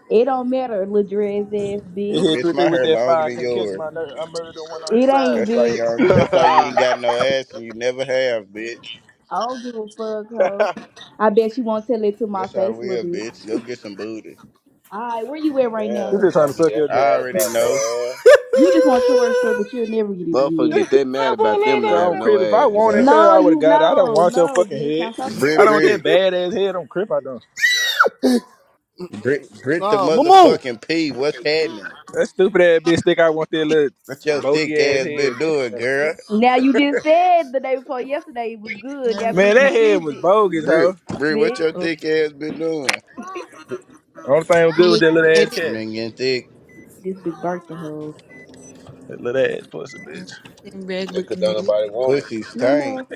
[SPEAKER 6] It don't matter, little dress ass
[SPEAKER 8] He
[SPEAKER 6] bitch.
[SPEAKER 8] hit
[SPEAKER 10] Bitch,
[SPEAKER 8] three three
[SPEAKER 10] my
[SPEAKER 8] with
[SPEAKER 10] hair
[SPEAKER 8] that
[SPEAKER 10] longer
[SPEAKER 8] fire. I
[SPEAKER 10] than
[SPEAKER 8] couldn't catch
[SPEAKER 10] yours.
[SPEAKER 8] my nerve. I murdered the one on his
[SPEAKER 6] It ain't,
[SPEAKER 8] side.
[SPEAKER 10] That's why you
[SPEAKER 6] bitch.
[SPEAKER 10] don't, that's why you ain't got no ass and you never have, bitch.
[SPEAKER 6] I don't give a fuck, hoe. I bet you won't tell it to my
[SPEAKER 10] That's how
[SPEAKER 6] face, little
[SPEAKER 10] real, bitch. Go
[SPEAKER 6] bitch.
[SPEAKER 10] get some booty.
[SPEAKER 6] Alright, where you at right now,
[SPEAKER 8] He
[SPEAKER 3] Damn,
[SPEAKER 6] hoe?
[SPEAKER 8] just
[SPEAKER 3] you
[SPEAKER 8] trying
[SPEAKER 3] gonna
[SPEAKER 8] to
[SPEAKER 3] be
[SPEAKER 8] suck your
[SPEAKER 3] that
[SPEAKER 8] dick.
[SPEAKER 10] I
[SPEAKER 3] mad
[SPEAKER 10] already
[SPEAKER 3] about no
[SPEAKER 10] know.
[SPEAKER 3] ass?
[SPEAKER 6] You just want your stuff, but you'll never get it
[SPEAKER 3] Motherfucker
[SPEAKER 6] again.
[SPEAKER 3] get that mad about them not
[SPEAKER 8] on
[SPEAKER 3] having no
[SPEAKER 8] Crip. If I
[SPEAKER 10] But
[SPEAKER 3] ass.
[SPEAKER 8] wanted,
[SPEAKER 10] uh,
[SPEAKER 8] cuz
[SPEAKER 6] No,
[SPEAKER 8] I would have
[SPEAKER 6] you
[SPEAKER 8] got it. I don't
[SPEAKER 6] no,
[SPEAKER 8] want your
[SPEAKER 6] no,
[SPEAKER 8] fucking
[SPEAKER 6] bitch.
[SPEAKER 8] head.
[SPEAKER 6] Now stop
[SPEAKER 8] I don't want that
[SPEAKER 10] Brit
[SPEAKER 8] bad ass head on Crip. I don't.
[SPEAKER 10] Brit, Brit the
[SPEAKER 5] nah, Mamu.
[SPEAKER 10] motherfucking P. What's happening?
[SPEAKER 8] That stupid ass bitch think I want that little
[SPEAKER 10] What your
[SPEAKER 8] bogey
[SPEAKER 10] thick
[SPEAKER 8] ass
[SPEAKER 10] ass
[SPEAKER 8] head,
[SPEAKER 10] been doing,
[SPEAKER 8] bitch.
[SPEAKER 10] girl?
[SPEAKER 6] Now you just said the day before yesterday it was good. Now,
[SPEAKER 4] I'm
[SPEAKER 8] Man,
[SPEAKER 6] bitch,
[SPEAKER 4] looking at
[SPEAKER 8] that
[SPEAKER 4] it.
[SPEAKER 6] what is
[SPEAKER 8] head was
[SPEAKER 6] it,
[SPEAKER 8] bogus, hoe.
[SPEAKER 10] Brit, Brit, what
[SPEAKER 6] bitch?
[SPEAKER 10] your
[SPEAKER 4] oh,
[SPEAKER 10] thick ass been doing?
[SPEAKER 8] Only thing was good with
[SPEAKER 4] you
[SPEAKER 8] that little
[SPEAKER 4] looking
[SPEAKER 8] ass
[SPEAKER 4] at it.
[SPEAKER 8] cat.
[SPEAKER 10] Man, getting thick.
[SPEAKER 6] This bitch birthday hoe.
[SPEAKER 8] That little ass pussy,
[SPEAKER 4] Mm,
[SPEAKER 8] bitch.
[SPEAKER 4] Sitting back
[SPEAKER 3] They could
[SPEAKER 4] looking
[SPEAKER 3] don't
[SPEAKER 4] at it.
[SPEAKER 3] nobody want it.
[SPEAKER 10] Pussy
[SPEAKER 6] Wait
[SPEAKER 10] stink.
[SPEAKER 6] no,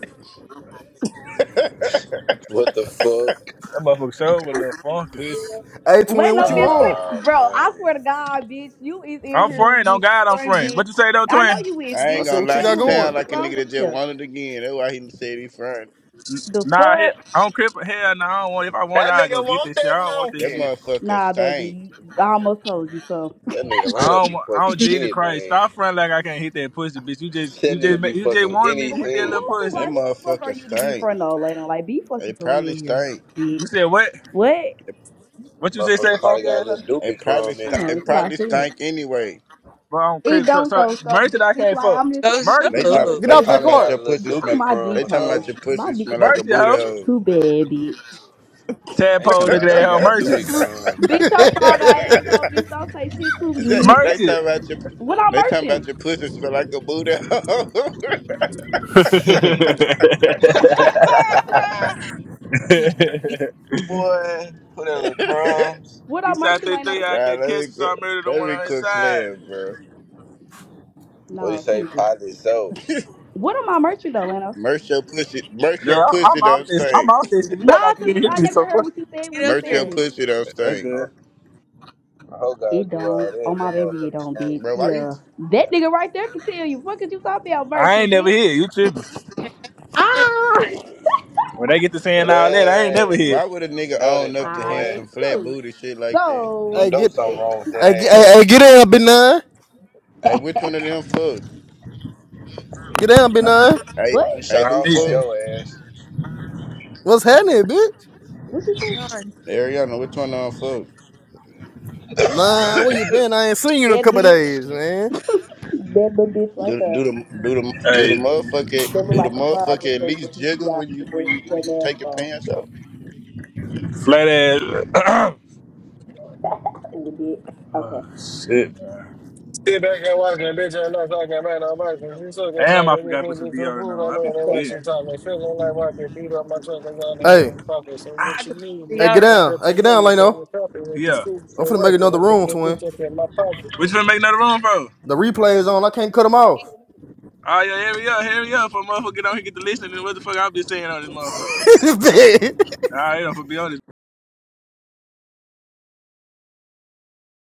[SPEAKER 3] What the fuck?
[SPEAKER 8] That motherfucker show was a little funky.
[SPEAKER 10] Pussy.
[SPEAKER 5] Hey, twin,
[SPEAKER 6] wait
[SPEAKER 5] what
[SPEAKER 6] no,
[SPEAKER 5] you
[SPEAKER 6] bitch,
[SPEAKER 5] on?
[SPEAKER 6] quick,
[SPEAKER 3] Oh
[SPEAKER 6] bro. I
[SPEAKER 3] man,
[SPEAKER 6] swear to God, bitch, you is in
[SPEAKER 8] I'm
[SPEAKER 6] here
[SPEAKER 8] friend. On
[SPEAKER 6] this
[SPEAKER 8] God, I'm
[SPEAKER 6] front,
[SPEAKER 8] friend.
[SPEAKER 6] bitch.
[SPEAKER 8] What you say though,
[SPEAKER 6] I know
[SPEAKER 8] twin?
[SPEAKER 6] you is,
[SPEAKER 10] I
[SPEAKER 5] I
[SPEAKER 10] ain't
[SPEAKER 6] bitch.
[SPEAKER 5] said,
[SPEAKER 10] gonna
[SPEAKER 6] Quit
[SPEAKER 5] what you
[SPEAKER 10] lie.
[SPEAKER 6] playing
[SPEAKER 10] He
[SPEAKER 5] got
[SPEAKER 6] with me.
[SPEAKER 10] sound
[SPEAKER 5] going?
[SPEAKER 6] What's
[SPEAKER 10] like a
[SPEAKER 6] wrong
[SPEAKER 10] nigga that
[SPEAKER 6] with
[SPEAKER 10] just
[SPEAKER 6] you?
[SPEAKER 10] wanted again. That's why he said he front.
[SPEAKER 6] The
[SPEAKER 8] Nah, he-
[SPEAKER 6] fuck?
[SPEAKER 8] on Crip. Hell no, I don't want. it. If I want, it,
[SPEAKER 9] That
[SPEAKER 8] I go
[SPEAKER 9] nigga
[SPEAKER 8] get
[SPEAKER 9] want
[SPEAKER 8] this shit.
[SPEAKER 9] that
[SPEAKER 8] I don't want this
[SPEAKER 10] That
[SPEAKER 9] monkey.
[SPEAKER 8] shit.
[SPEAKER 10] motherfucker
[SPEAKER 6] Nah, baby,
[SPEAKER 10] stink.
[SPEAKER 6] you, I almost told you so.
[SPEAKER 3] that nigga
[SPEAKER 8] I
[SPEAKER 3] Lano
[SPEAKER 8] don't,
[SPEAKER 3] be
[SPEAKER 8] wa- I don't,
[SPEAKER 3] fucking
[SPEAKER 8] Jesus Christ,
[SPEAKER 3] anything.
[SPEAKER 8] stop fronting like I can't hit that pussy, bitch. You just,
[SPEAKER 3] That
[SPEAKER 8] you just,
[SPEAKER 3] nigga
[SPEAKER 8] ma-
[SPEAKER 3] be
[SPEAKER 8] you just
[SPEAKER 3] fucking
[SPEAKER 8] wanted me to hit
[SPEAKER 6] What the
[SPEAKER 8] that little
[SPEAKER 6] who
[SPEAKER 3] anything.
[SPEAKER 6] is
[SPEAKER 10] That
[SPEAKER 6] like?
[SPEAKER 8] pussy.
[SPEAKER 6] Who the fuck are
[SPEAKER 10] motherfucker
[SPEAKER 6] you to be
[SPEAKER 10] stink.
[SPEAKER 6] front of, lady? Like, be fucking
[SPEAKER 10] It
[SPEAKER 6] for
[SPEAKER 10] probably
[SPEAKER 6] real here.
[SPEAKER 10] stink.
[SPEAKER 8] You said what?
[SPEAKER 6] What?
[SPEAKER 8] What you just
[SPEAKER 3] Motherfucker
[SPEAKER 8] said,
[SPEAKER 3] probably
[SPEAKER 8] funk
[SPEAKER 3] got a
[SPEAKER 8] ass? hoe?
[SPEAKER 3] little dookie
[SPEAKER 10] It probably
[SPEAKER 3] crumb
[SPEAKER 6] I
[SPEAKER 3] in
[SPEAKER 10] st-
[SPEAKER 3] it.
[SPEAKER 6] know,
[SPEAKER 10] it
[SPEAKER 6] that's what I
[SPEAKER 10] probably
[SPEAKER 6] said.
[SPEAKER 10] stank anyway.
[SPEAKER 8] But on
[SPEAKER 6] It
[SPEAKER 8] crib, so,
[SPEAKER 6] don't
[SPEAKER 8] so
[SPEAKER 6] though, so bitch.
[SPEAKER 8] merchant, I
[SPEAKER 6] It's
[SPEAKER 8] can't
[SPEAKER 6] like
[SPEAKER 8] fuck.
[SPEAKER 6] I'm just
[SPEAKER 4] Go
[SPEAKER 6] trying to
[SPEAKER 4] show
[SPEAKER 6] see
[SPEAKER 10] They
[SPEAKER 8] Merchant,
[SPEAKER 6] where you
[SPEAKER 10] talk.
[SPEAKER 3] Probably
[SPEAKER 4] up.
[SPEAKER 5] Get
[SPEAKER 10] They
[SPEAKER 5] out
[SPEAKER 6] get, bitch.
[SPEAKER 5] the
[SPEAKER 10] talking
[SPEAKER 3] probably
[SPEAKER 10] about
[SPEAKER 3] got
[SPEAKER 5] car.
[SPEAKER 3] a
[SPEAKER 10] your
[SPEAKER 3] little
[SPEAKER 10] pussy
[SPEAKER 6] Get off
[SPEAKER 10] smell.
[SPEAKER 3] dookie
[SPEAKER 6] my dick,
[SPEAKER 3] crumb
[SPEAKER 10] They
[SPEAKER 3] or
[SPEAKER 10] talking about
[SPEAKER 6] hoe.
[SPEAKER 3] something.
[SPEAKER 10] your
[SPEAKER 6] My
[SPEAKER 10] pussy
[SPEAKER 6] dick is
[SPEAKER 10] smell
[SPEAKER 6] your
[SPEAKER 10] like a
[SPEAKER 8] merchant,
[SPEAKER 6] mouth
[SPEAKER 10] booty
[SPEAKER 8] hoe.
[SPEAKER 6] is too
[SPEAKER 10] hole.
[SPEAKER 6] bad, bitch.
[SPEAKER 3] They
[SPEAKER 8] Tadpole,
[SPEAKER 3] talking
[SPEAKER 8] look at
[SPEAKER 3] about
[SPEAKER 8] that
[SPEAKER 3] she
[SPEAKER 8] hoe,
[SPEAKER 3] got dookie
[SPEAKER 8] merchant,
[SPEAKER 3] crumbs.
[SPEAKER 5] hey,
[SPEAKER 6] Bitch, your frog eye asshole, bitch. Don't say shit to
[SPEAKER 10] Is that
[SPEAKER 6] me.
[SPEAKER 10] they talking
[SPEAKER 8] merchant.
[SPEAKER 10] about your
[SPEAKER 6] what I'm
[SPEAKER 10] they talking about
[SPEAKER 6] merching?
[SPEAKER 10] your pussy smell like a booty. hole?
[SPEAKER 3] Boy, put in little crumbs.
[SPEAKER 6] What
[SPEAKER 8] he
[SPEAKER 6] I'm
[SPEAKER 8] shot
[SPEAKER 6] merching,
[SPEAKER 8] that
[SPEAKER 6] Lano?
[SPEAKER 8] three, I
[SPEAKER 10] nah,
[SPEAKER 8] could
[SPEAKER 10] let
[SPEAKER 8] catch him,
[SPEAKER 10] me
[SPEAKER 8] so
[SPEAKER 10] qu-
[SPEAKER 8] I murdered the
[SPEAKER 10] let
[SPEAKER 8] one
[SPEAKER 10] me
[SPEAKER 8] on his
[SPEAKER 10] quit
[SPEAKER 8] side.
[SPEAKER 10] playing, bro.
[SPEAKER 3] What do you
[SPEAKER 6] No,
[SPEAKER 3] say?
[SPEAKER 6] seriously.
[SPEAKER 3] Probably so.
[SPEAKER 6] What am I merching though, Lano?
[SPEAKER 10] Merch your pussy, merch
[SPEAKER 8] Dude,
[SPEAKER 10] your
[SPEAKER 8] I,
[SPEAKER 10] pussy
[SPEAKER 8] I'm out
[SPEAKER 10] don't
[SPEAKER 8] this, I'm
[SPEAKER 10] stink.
[SPEAKER 8] out this shit. You look
[SPEAKER 6] Nah,
[SPEAKER 8] like you
[SPEAKER 6] cause
[SPEAKER 8] didn't
[SPEAKER 6] you,
[SPEAKER 8] hit
[SPEAKER 6] I
[SPEAKER 8] me
[SPEAKER 6] never
[SPEAKER 8] so
[SPEAKER 6] heard
[SPEAKER 8] fuck.
[SPEAKER 6] what you said when
[SPEAKER 4] Get
[SPEAKER 6] you
[SPEAKER 4] up
[SPEAKER 10] Merch your
[SPEAKER 6] said
[SPEAKER 4] here.
[SPEAKER 6] it.
[SPEAKER 10] pussy don't
[SPEAKER 8] That's
[SPEAKER 10] stink,
[SPEAKER 3] Oh,
[SPEAKER 8] good.
[SPEAKER 3] I hope
[SPEAKER 6] It
[SPEAKER 3] God do
[SPEAKER 6] don't.
[SPEAKER 3] all
[SPEAKER 6] Oh
[SPEAKER 3] that.
[SPEAKER 6] my
[SPEAKER 3] That
[SPEAKER 6] baby, it
[SPEAKER 3] motherfucker
[SPEAKER 6] don't, bitch.
[SPEAKER 3] stink.
[SPEAKER 10] bro. Why you?
[SPEAKER 6] Yeah, that nigga right there can tell you. What could you talk about
[SPEAKER 8] I ain't
[SPEAKER 6] merching,
[SPEAKER 8] never
[SPEAKER 6] bitch?
[SPEAKER 8] hit. You tripping?
[SPEAKER 4] Hey,
[SPEAKER 6] Ah,
[SPEAKER 8] When they get to saying all that, I ain't
[SPEAKER 10] ni-
[SPEAKER 8] never
[SPEAKER 3] Blood.
[SPEAKER 8] hit.
[SPEAKER 10] Why would a nigga
[SPEAKER 3] You know
[SPEAKER 10] own up
[SPEAKER 3] that,
[SPEAKER 10] to hand
[SPEAKER 6] I
[SPEAKER 3] boy.
[SPEAKER 10] some flat
[SPEAKER 6] cool.
[SPEAKER 10] booty shit like that?
[SPEAKER 3] You
[SPEAKER 6] So
[SPEAKER 3] know
[SPEAKER 5] get,
[SPEAKER 3] something wrong with that
[SPEAKER 5] hey, get, hey, hey,
[SPEAKER 3] ass.
[SPEAKER 5] get down, big nine.
[SPEAKER 10] Hey, which one of them fuck?
[SPEAKER 5] Get down, big nine.
[SPEAKER 10] Hey,
[SPEAKER 6] what?
[SPEAKER 3] We
[SPEAKER 10] hey,
[SPEAKER 3] shot
[SPEAKER 10] who
[SPEAKER 8] Not
[SPEAKER 3] off
[SPEAKER 8] me.
[SPEAKER 3] on
[SPEAKER 10] fuck?
[SPEAKER 3] your ass.
[SPEAKER 5] What's happening, bitch?
[SPEAKER 6] What you
[SPEAKER 4] Sean,
[SPEAKER 6] say?
[SPEAKER 10] Ariana, which one of them fuck?
[SPEAKER 5] Nah, where you been? I ain't seen you in a
[SPEAKER 6] That
[SPEAKER 5] couple of
[SPEAKER 6] bitch.
[SPEAKER 5] days, man.
[SPEAKER 6] That little bitch right
[SPEAKER 10] Do
[SPEAKER 6] there.
[SPEAKER 10] do the do the do the
[SPEAKER 8] Hey,
[SPEAKER 10] motherfucker
[SPEAKER 6] They look
[SPEAKER 10] do the
[SPEAKER 6] like a frog with
[SPEAKER 10] motherfucker at
[SPEAKER 6] their
[SPEAKER 10] least
[SPEAKER 6] P P
[SPEAKER 10] jiggle
[SPEAKER 6] I
[SPEAKER 10] when you
[SPEAKER 6] with their
[SPEAKER 10] when you
[SPEAKER 6] with their
[SPEAKER 10] when you
[SPEAKER 6] square
[SPEAKER 10] take your
[SPEAKER 6] mouth
[SPEAKER 10] pants off?
[SPEAKER 8] flat ass.
[SPEAKER 6] with it.
[SPEAKER 8] oh, shit.
[SPEAKER 9] Sit back and watch that bitch and not talking about nobody. He suck and
[SPEAKER 8] Damn,
[SPEAKER 9] slap
[SPEAKER 8] I
[SPEAKER 9] and
[SPEAKER 8] forgot
[SPEAKER 9] just
[SPEAKER 8] to
[SPEAKER 9] little
[SPEAKER 8] put some
[SPEAKER 9] bit of
[SPEAKER 8] deodorant
[SPEAKER 9] food
[SPEAKER 8] on.
[SPEAKER 9] all
[SPEAKER 8] I be
[SPEAKER 9] over the
[SPEAKER 6] Okay.
[SPEAKER 9] way she
[SPEAKER 8] forgetting.
[SPEAKER 9] talking. me. Feeling like I could beat up my truck and go in
[SPEAKER 5] Hey,
[SPEAKER 9] walk it. So what
[SPEAKER 4] I can
[SPEAKER 9] you
[SPEAKER 4] put
[SPEAKER 9] need,
[SPEAKER 4] the
[SPEAKER 5] hey,
[SPEAKER 9] nigga,
[SPEAKER 5] get
[SPEAKER 9] is
[SPEAKER 4] yard
[SPEAKER 9] a
[SPEAKER 4] on.
[SPEAKER 9] pepper
[SPEAKER 5] down. Hey,
[SPEAKER 9] from
[SPEAKER 5] get down,
[SPEAKER 9] the
[SPEAKER 5] Leno.
[SPEAKER 9] top and with the
[SPEAKER 8] Yeah.
[SPEAKER 9] suit
[SPEAKER 5] I'm
[SPEAKER 9] that
[SPEAKER 5] finna make
[SPEAKER 9] work. I
[SPEAKER 5] another
[SPEAKER 9] don't put
[SPEAKER 5] room,
[SPEAKER 9] that
[SPEAKER 5] twin.
[SPEAKER 9] bitch up in my pocket.
[SPEAKER 8] What you finna make another room for? Oh,
[SPEAKER 5] The replay is on. I can't cut them off.
[SPEAKER 8] yeah, hurry up, hurry up. For a motherfucker get on here, get to listening. What the fuck I be saying on this motherfucker? All right, I'm finna be on this